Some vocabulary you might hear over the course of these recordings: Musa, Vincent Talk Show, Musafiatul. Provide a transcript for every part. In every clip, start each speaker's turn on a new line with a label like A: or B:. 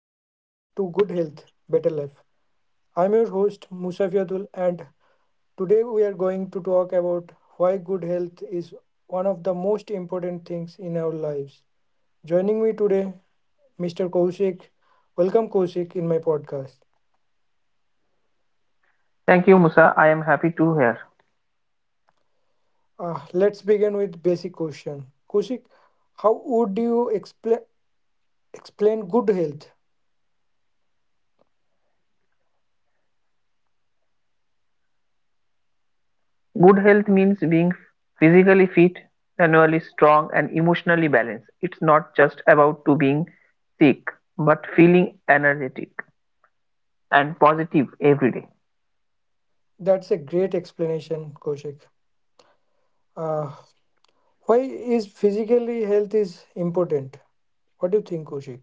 A: Mm.
B: Health, Better Life. I'm your host, Musafiatul, and today we are going to talk about why good health is one of the most important things in our lives. Joining me today, Mr. Kaushik. Welcome, Kaushik, in my podcast.
A: Thank you, Musa. I am happy to hear.
B: Let's begin with basic question. Kaushik, how would you explain good health?
A: Good health means being physically fit, mentally strong, and emotionally balanced. It's not just about to being sick, but feeling energetic and positive every day.
B: That's a great explanation, Kaushik. Uh, Why is physically health is important? What do you think, Kushik?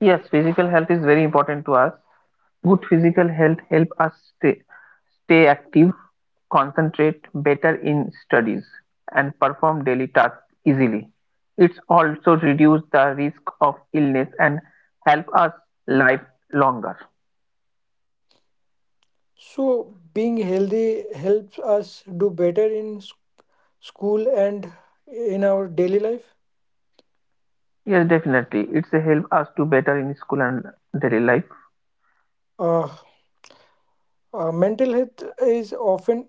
A: Yes, physical health is very important to us. Good physical health help us stay, stay active, concentrate better in studies, and perform daily tasks easily. It's also reduce the risk of illness and help us live longer.
B: So being healthy helps us do better in school and in our daily life.
A: Yes, definitely. It's a help us to better in school and daily life.
B: Uh, Mental health is often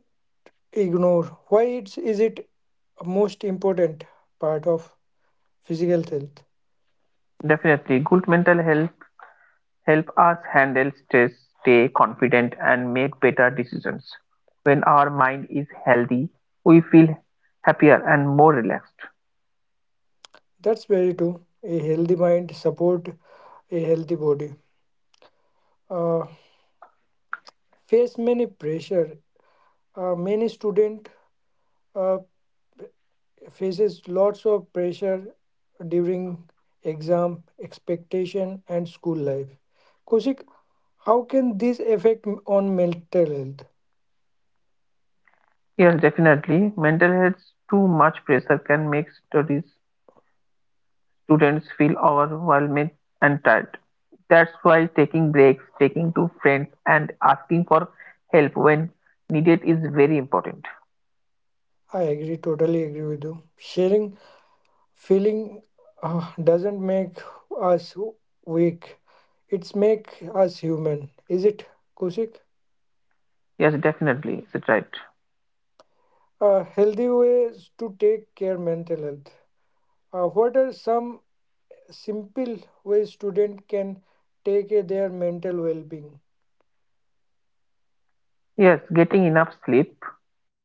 B: ignored. Is it a most important part of physical health?
A: Definitely, good mental health help us handle stress, stay confident, and make better decisions. When our mind is healthy, we feel happier and more relaxed.
B: That's very true. A healthy mind support a healthy body. Uh, Face many pressure. Many student uh, faces lots of pressure during exam expectation and school life, Kaushik, how can this affect on mental health?
A: Yes, definitely. Mental health too much pressure can make studies, students feel overwhelmed and tired. That's why taking breaks, taking to friends, and asking for help when needed is very important.
B: I agree totally agree with you. Sharing feeling doesn't make us weak, it's make us human, is it Kaushik?
A: Yes, definitely. It's right.
B: Uh, healthy ways to take care mental health. What are some simple ways student can take care their mental well-being?
A: Yes, getting enough sleep,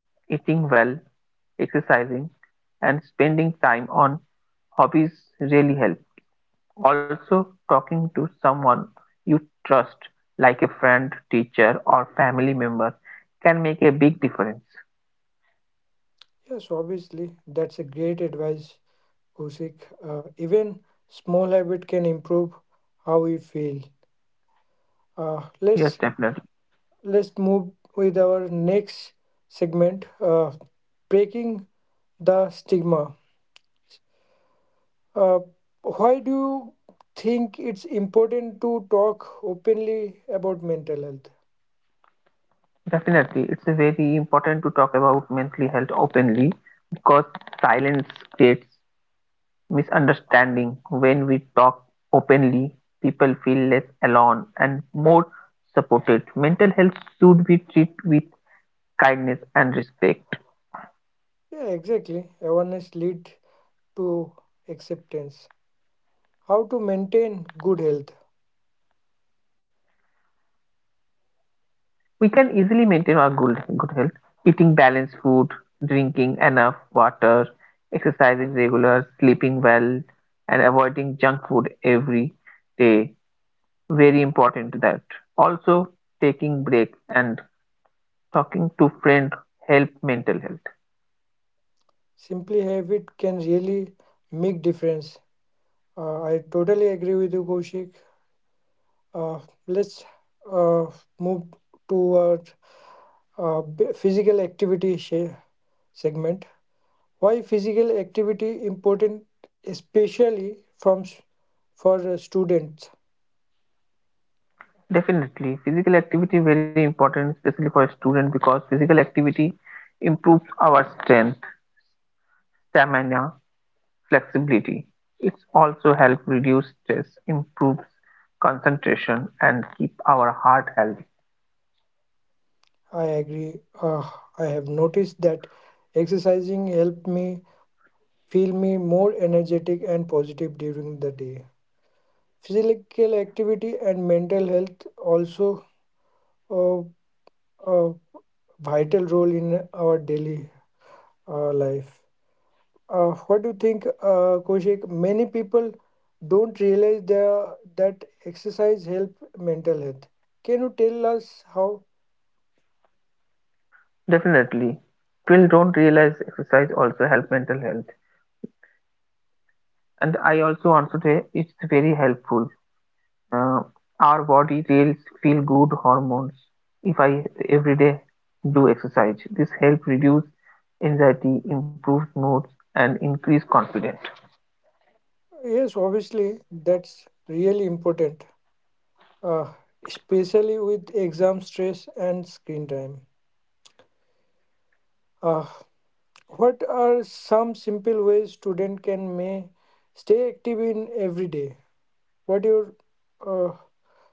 A: eating well, exercising, and spending time on hobbies really help. Also, talking to someone you trust, like a friend, teacher, or family member, can make a big difference.
B: Yes, obviously, that's a great advice, Usik. Even small habit can improve how we feel. Uh,
A: Yes,
B: let's
A: definitely.
B: let's move with our next segment, breaking the stigma. Uh, why do you think it's important to talk openly about mental health?
A: Definitely, it's a very important to talk about mental health openly, because silence creates misunderstanding. When we talk openly, people feel less alone and more supported. Mental health should be treated with kindness and respect.
B: Yeah, exactly. Awareness lead to acceptance. How to maintain good health?
A: We can easily maintain our good health: eating balanced food, drinking enough water, exercising regular, sleeping well, and avoiding junk food every day. Very important that also taking breaks and talking to friends help mental health.
B: Simply habit can really make difference. I totally agree with you, Koshik. Uh, let's uh, Move toward physical activity segment. Why physical activity important, especially from for students?
A: Definitely, physical activity very important, especially for a student, because physical activity improves our strength, stamina, flexibility. It's also help reduce stress, improves concentration, and keep our heart healthy.
B: I agree. I have noticed that exercising helped me feel me more energetic and positive during the day. Physical activity and mental health also uh, a vital role in our daily life. What do you think, Kaushik? Many people don't realize that exercise help mental health. Can you tell us how?
A: Definitely, people don't realize exercise also help mental health, and I also want to say it's very helpful. uh, our body releases feel good hormones if I every day do exercise. This help reduce anxiety, improves moods, and increase confidence.
B: Yes, obviously, that's really important, uh, especially with exam stress and screen time. Uh, What are some simple ways student can may stay active in every day? What your uh,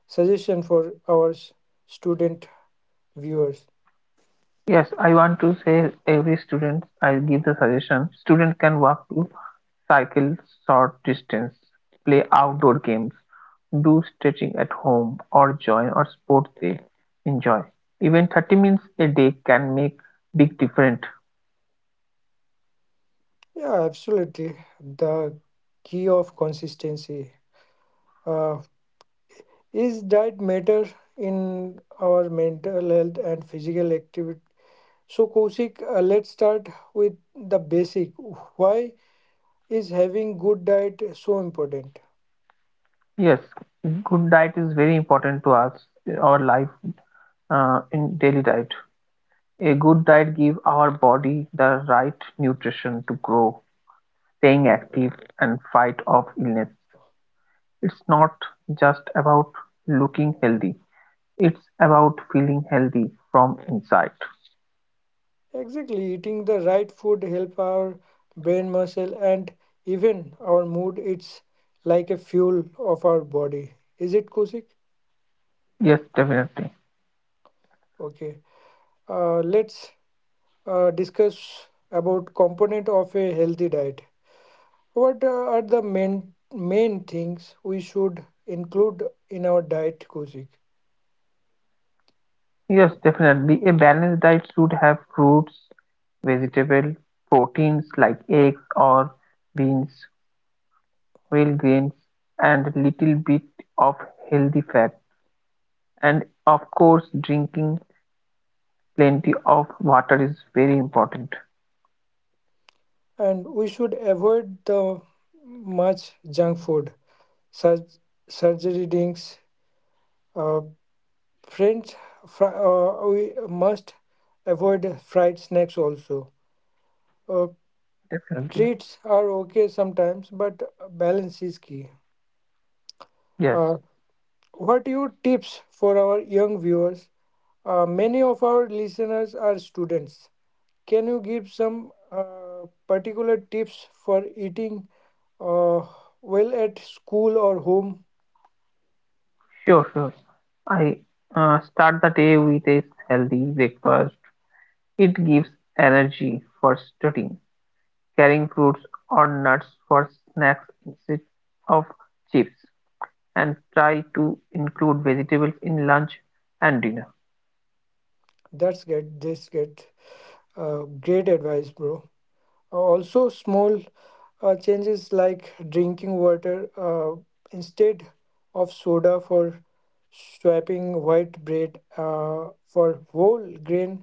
B: suggestion for our student viewers?
A: Yes, I want to say every student, I'll give the suggestion: student can walk to cycle short distance, play outdoor games, do stretching at home, or join or sport they enjoy. Even 30 minutes a day can make big difference.
B: Yeah, absolutely. The key of consistency uh, is diet matter in our mental health and physical activity. So Kosik, let's start with the basic. Why is having good diet so important?
A: Yes, good diet is very important to us, our life, in daily diet. A good diet gives our body the right nutrition to grow, staying active, and fight off illness. It's not just about looking healthy, it's about feeling healthy from inside.
B: Exactly, eating the right food help our brain muscle and even our mood. It's like a fuel of our body. Is it Kusik?
A: Yes, definitely.
B: Okay. Let's Discuss about component of a healthy diet. What are the main things we should include in our diet, Kusik?
A: Yes, definitely. A balanced diet should have fruits, vegetable, proteins like eggs or beans, whole grains, and little bit of healthy fat. And of course, drinking plenty of water is very important.
B: And we should avoid the much junk food, such surgery drinks, uh, Friends, fry. Uh, we must avoid fried snacks also. Uh,
A: Definitely.
B: treats are okay sometimes, but balance is key.
A: Yes,
B: Uh, what your tips for our young viewers? Many of our listeners are students. Can you give some particular tips for eating uh, well at school or home?
A: sure. I start the day with a healthy breakfast. It gives energy for studying, carrying fruits or nuts for snacks instead of chips, and try to include vegetables in lunch and dinner.
B: That's good. This get great advice, bro. Also, small changes like drinking water instead of soda for swapping white bread for whole grain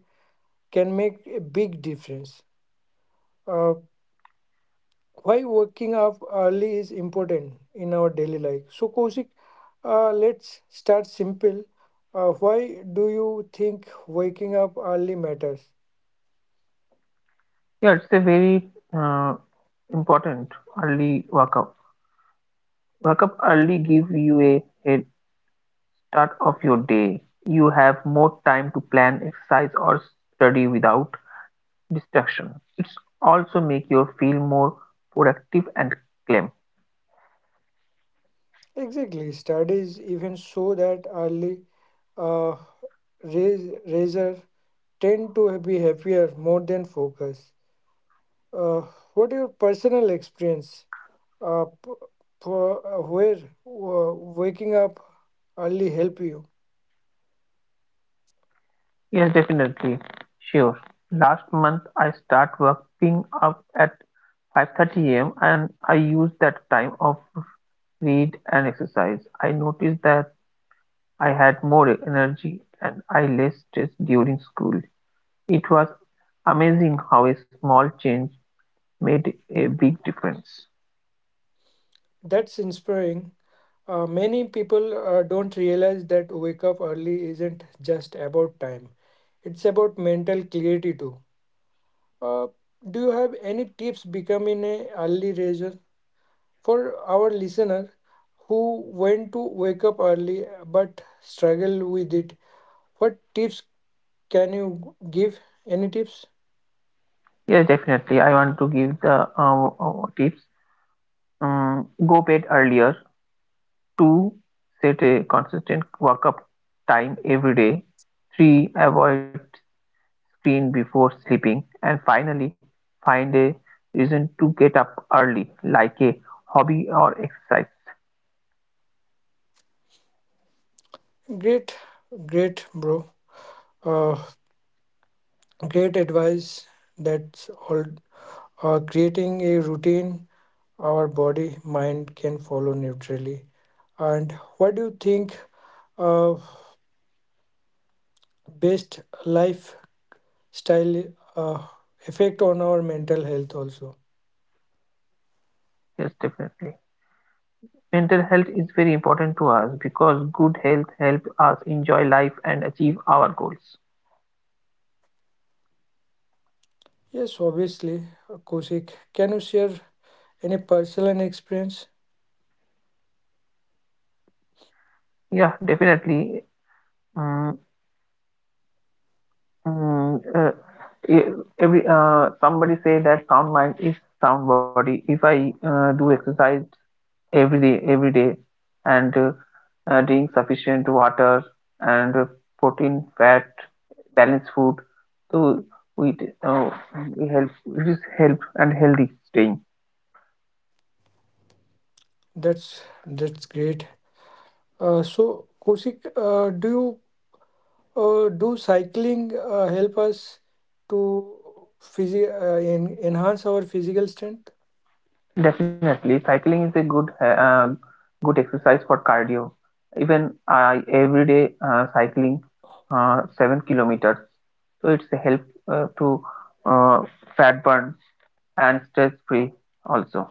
B: can make a big difference. Uh, why waking up early is important in our daily life. So, Kosik, let's start simple. Why do you think waking up early matters?
A: Yeah, it's a very important early wake up. Wake up early give you a head start of your day. You have more time to plan, exercise, or study without distraction. It's also make you feel more productive and calm.
B: Exactly. Studies even show that early uh, raiser tend to be happier more than focus. Uh, what your personal experience? Uh, p- where waking up early help you?
A: Yes, definitely. Sure. Last month I start waking up at 5:30 a.m., and I use that time of read and exercise. I noticed that I had more energy and I less stress during school. It was amazing how a small change made a big difference.
B: That's inspiring. Many people don't realize that wake up early isn't just about time. It's about mental clarity too. Uh, do you have any tips becoming a early riser? For our listener who want to wake up early but struggle with it, what tips can you give? Any tips?
A: Yes, definitely. I want to give the tips. Go bed earlier. Two, set a consistent wake-up time every day. Three, avoid screen before sleeping. And finally, find a reason to get up early, like a hobby or exercise.
B: Great, great, bro. Uh, great advice. That's all. Creating a routine our body, mind can follow neutrally. And what do you think uh, best lifestyle uh, effect on our mental health also?
A: Yes, definitely. Mental health is very important to us because good health help us enjoy life and achieve our goals.
B: Yes, obviously, Kosik. Can you share any personal experience?
A: Yeah, definitely. Mm, mm, uh, e- every somebody say that sound mind is sound body. If I do exercise every day, and drink sufficient water and protein, fat, balanced food, so we uh, we help. It is help and healthy staying.
B: That's great. So, Kosik, do you do cycling help us to enhance our physical strength?
A: Definitely, cycling is a good good exercise for cardio. Even I every day cycling 7 kilometers, so it's a help to uh, fat burn and stress free also.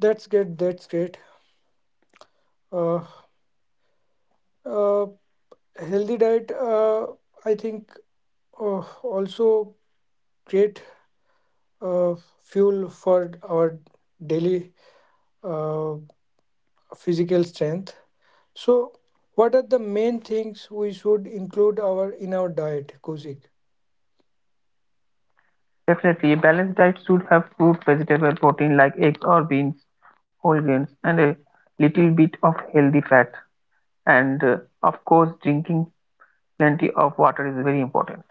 B: That's good. That's great. Uh, uh, Healthy diet, I think, also great uh, fuel for our daily uh, physical strength. So, what are the main things we should include our in our diet, Kuzik?
A: Definitely, a balanced diet should have fruit, vegetable, protein like eggs or beans, whole grains, and a little bit of healthy fat. And of course, drinking plenty of water is very important.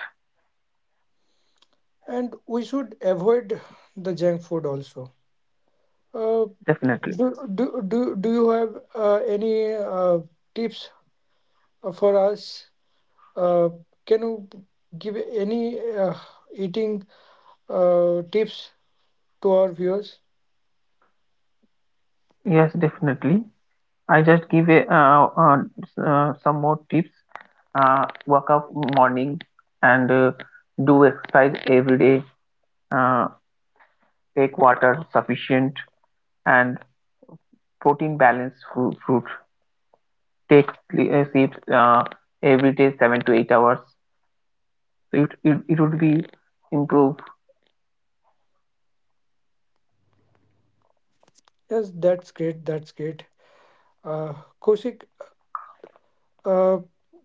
B: And we should avoid the junk food also. Uh,
A: Definitely,
B: do you have any tips for us? Uh, can you give any eating tips to our viewers?
A: yes, definitely. I just give a, some more tips. Wake up morning and do exercise every day. Uh, Take water sufficient and protein balanced fruit. Take sleep every day 7 to 8 hours. So it would be improved.
B: Yes, that's great. That's great. Uh, Kosik, uh,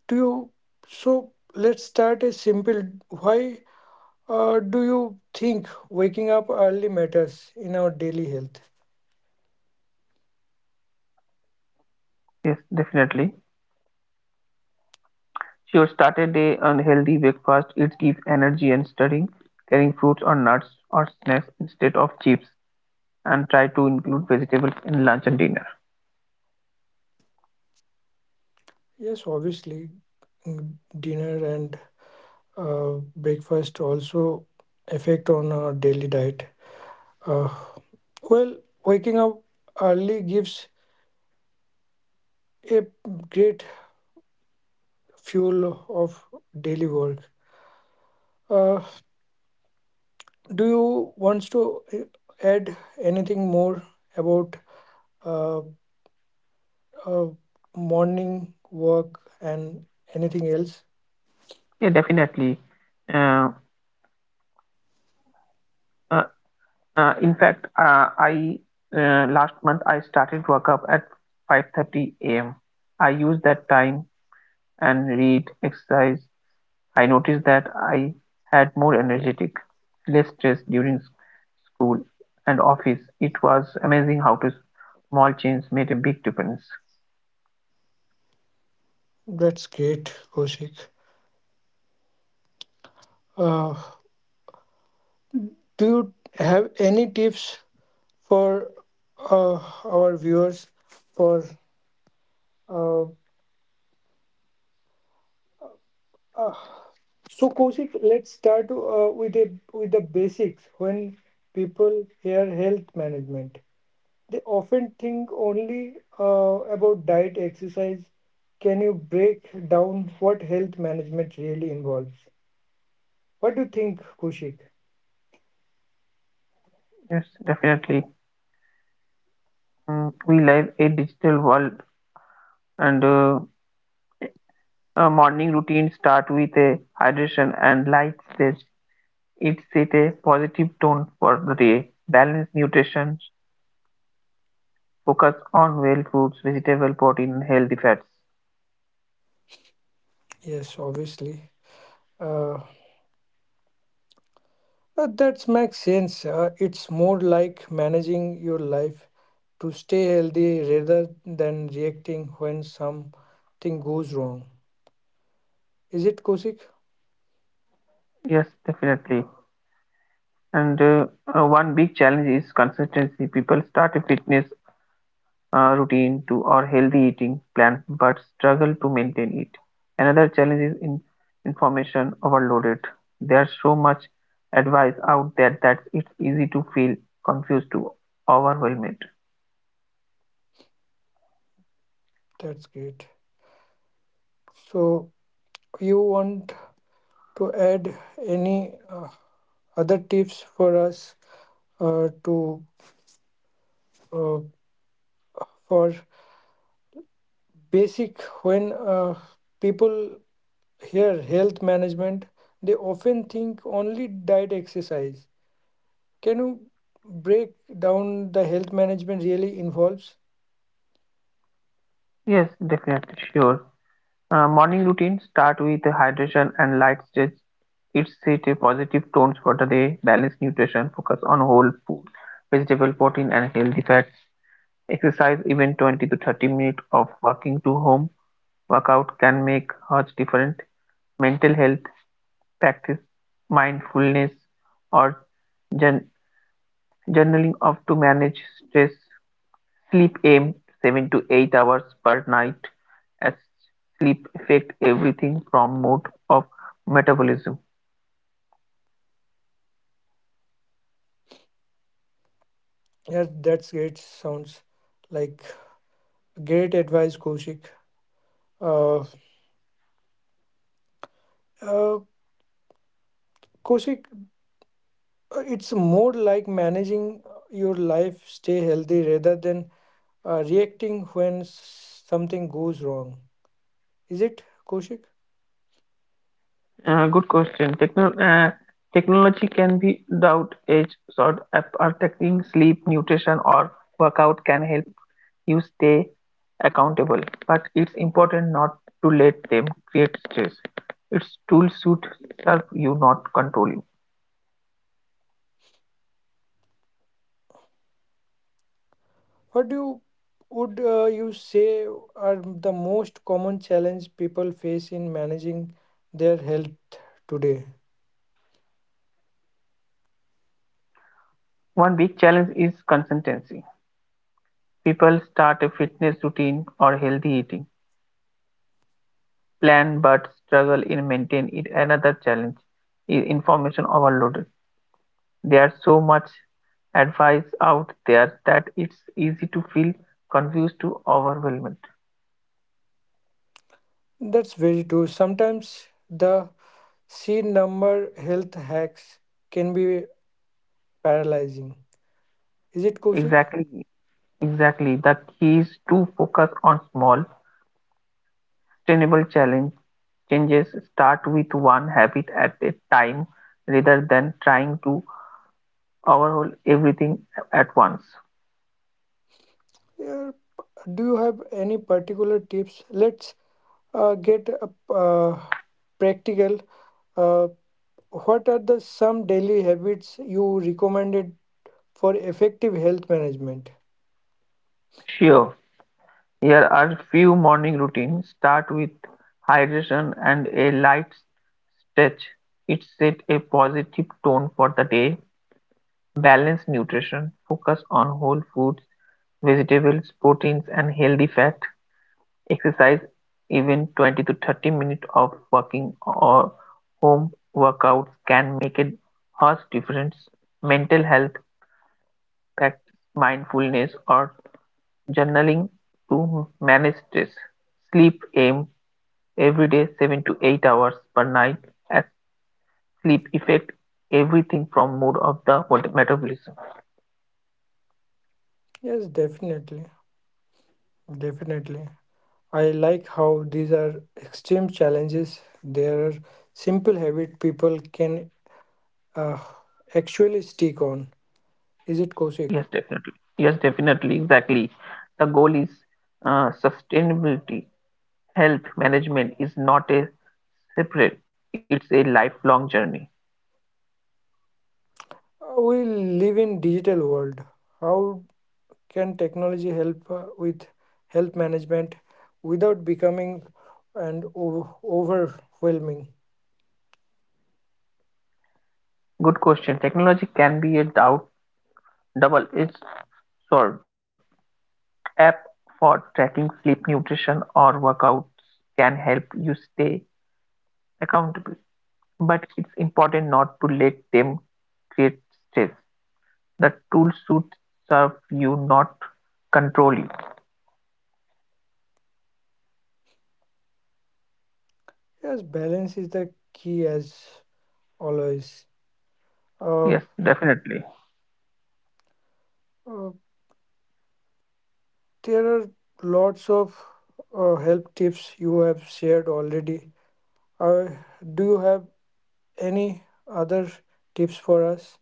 B: do you so let's start a simple. Why, do you think waking up early matters in our daily health?
A: Yes, definitely. Sure, start a day on healthy breakfast. It gives energy and studying, carrying fruits or nuts or snacks instead of chips, and try to include vegetables in lunch and dinner.
B: Yes, obviously, mm, dinner and breakfast also affect on our daily diet. Uh, well, waking up early gives a great fuel of daily work. Uh, do you want to add anything more about uh, uh, morning work and anything else?
A: Yeah, definitely. Uh, uh, in fact, I last month I started work up at 5:30 a.m. I used that time and read, exercise. I noticed that I had more energetic, less stress during school and office. It was amazing how to small change made a big difference.
B: That's great, Koshik. Uh, do you have any tips for uh, our viewers for uh, uh, so Koshik, let's start with with the basics. When people hear health management, they often think only about diet, exercise. Can you break down what health management really involves? What do you think, Koshik?
A: Yes, definitely. We live a digital world, and a morning routine start with a hydration and light stretch. It sets a positive tone for the day. Balanced nutrition, focus on whole foods, vegetable, protein, and healthy fats.
B: Yes, obviously. Uh, that makes sense. It's more like managing your life to stay healthy rather than reacting when something goes wrong. Is it Kosik?
A: Yes, definitely. And one big challenge is consistency. People start a fitness routine to or healthy eating plan but struggle to maintain it. Another challenge is in information overloaded. There's so much advice out there that it's easy to feel confused to overwhelmed.
B: That's great. So, you want to add any other tips for us to uh, for basic when people hear health management, they often think only diet exercise. Can you break down the health management really involves?
A: Yes, definitely sure. Morning routine start with hydration and light stretch. It set a positive tone for the day. Balance nutrition, focus on whole food, vegetable protein and healthy fats. Exercise even 20 to 30 minutes of walking to home workout can make much difference: mental health practice, mindfulness, or journaling of to manage stress. Sleep aim 7 to 8 hours per night as sleep affect everything from mode of metabolism.
B: Yes, that's great. Sounds like great advice, Koshik. Uh, uh, Koshik, it's more like managing your life, stay healthy rather than reacting when something goes wrong. Is it, Koshik?
A: Good question. Technology can be without edge sword. Protecting sleep, nutrition, or workout can help you stay accountable, but it's important not to let them create stress. Its tools should serve you, not control you.
B: What do you, would you say are the most common challenge people face in managing their health today?
A: One big challenge is consistency. People start a fitness routine or healthy eating plan but struggle in maintain it. Another challenge is information overloaded. There's so much advice out there that it's easy to feel confused to overwhelmed.
B: That's very true. Sometimes the sheer number health hacks can be paralyzing. Is it Kosik?
A: Exactly, exactly. The key is to focus on small, sustainable challenge changes, start with one habit at a time rather than trying to overhaul everything at once.
B: Yeah. Do you have any particular tips? Let's get practical. Uh, what are the some daily habits you recommended for effective health management?
A: Sure, here are few morning routines. Start with hydration and a light stretch. It set a positive tone for the day. Balance nutrition. Focus on whole foods, vegetables, proteins, and healthy fat. Exercise, even 20 to 30 minutes of walking or home workouts, can make a huge difference. Mental health practice, mindfulness, or journaling to manage stress. Sleep aim every day 7 to 8 hours per night as sleep affect everything from mood of the metabolism.
B: Yes, definitely, definitely. I like how these are extreme challenges. There are simple habit people can uh, actually stick on? Is it Kosik?
A: Yes, definitely. Exactly. The goal is sustainability. Health management is not a separate, it's a lifelong journey.
B: We live in digital world. How can technology help with health management without becoming and overwhelming?
A: Good question. Technology can be a double-edged sword. App for tracking sleep, nutrition, or workouts can help you stay accountable, but it's important not to let them create stress. The tool should serve you, not control you.
B: Yes, balance is the key as always. Uh,
A: Yes, definitely.
B: uh, there are lots of help tips you have shared already. Uh, do you have any other tips for us?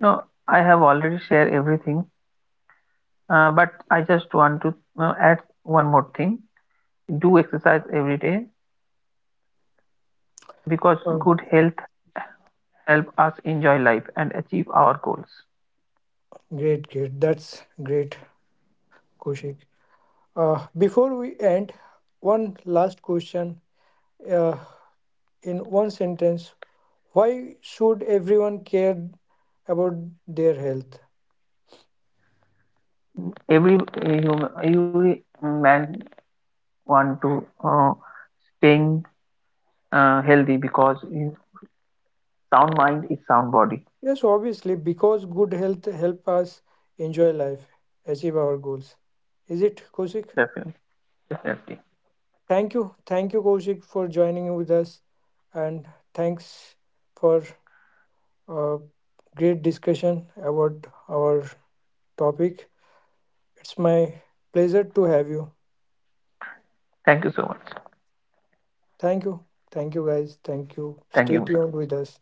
A: No, I have already shared everything, but I just want to add one more thing. Do exercise every day because
B: Uh,
A: good health help us enjoy life and achieve our goals.
B: Great, great. That's great, Kushik. Before we end, one last question. Uh, in one sentence, why should everyone care about their health?
A: Every human, every man want to staying healthy because in sound mind is sound body.
B: Yes, obviously, because good health help us enjoy life, achieve our goals. Is it, Kushik?
A: Definitely, definitely.
B: Thank you. Thank you, Kushik, for joining with us. And thanks for a great discussion about our topic. It's my pleasure to have you.
A: Thank you so much.
B: Thank you. Thank you, guys. Thank you.
A: Thank you,
B: Stay
A: Musa.
B: tuned with us.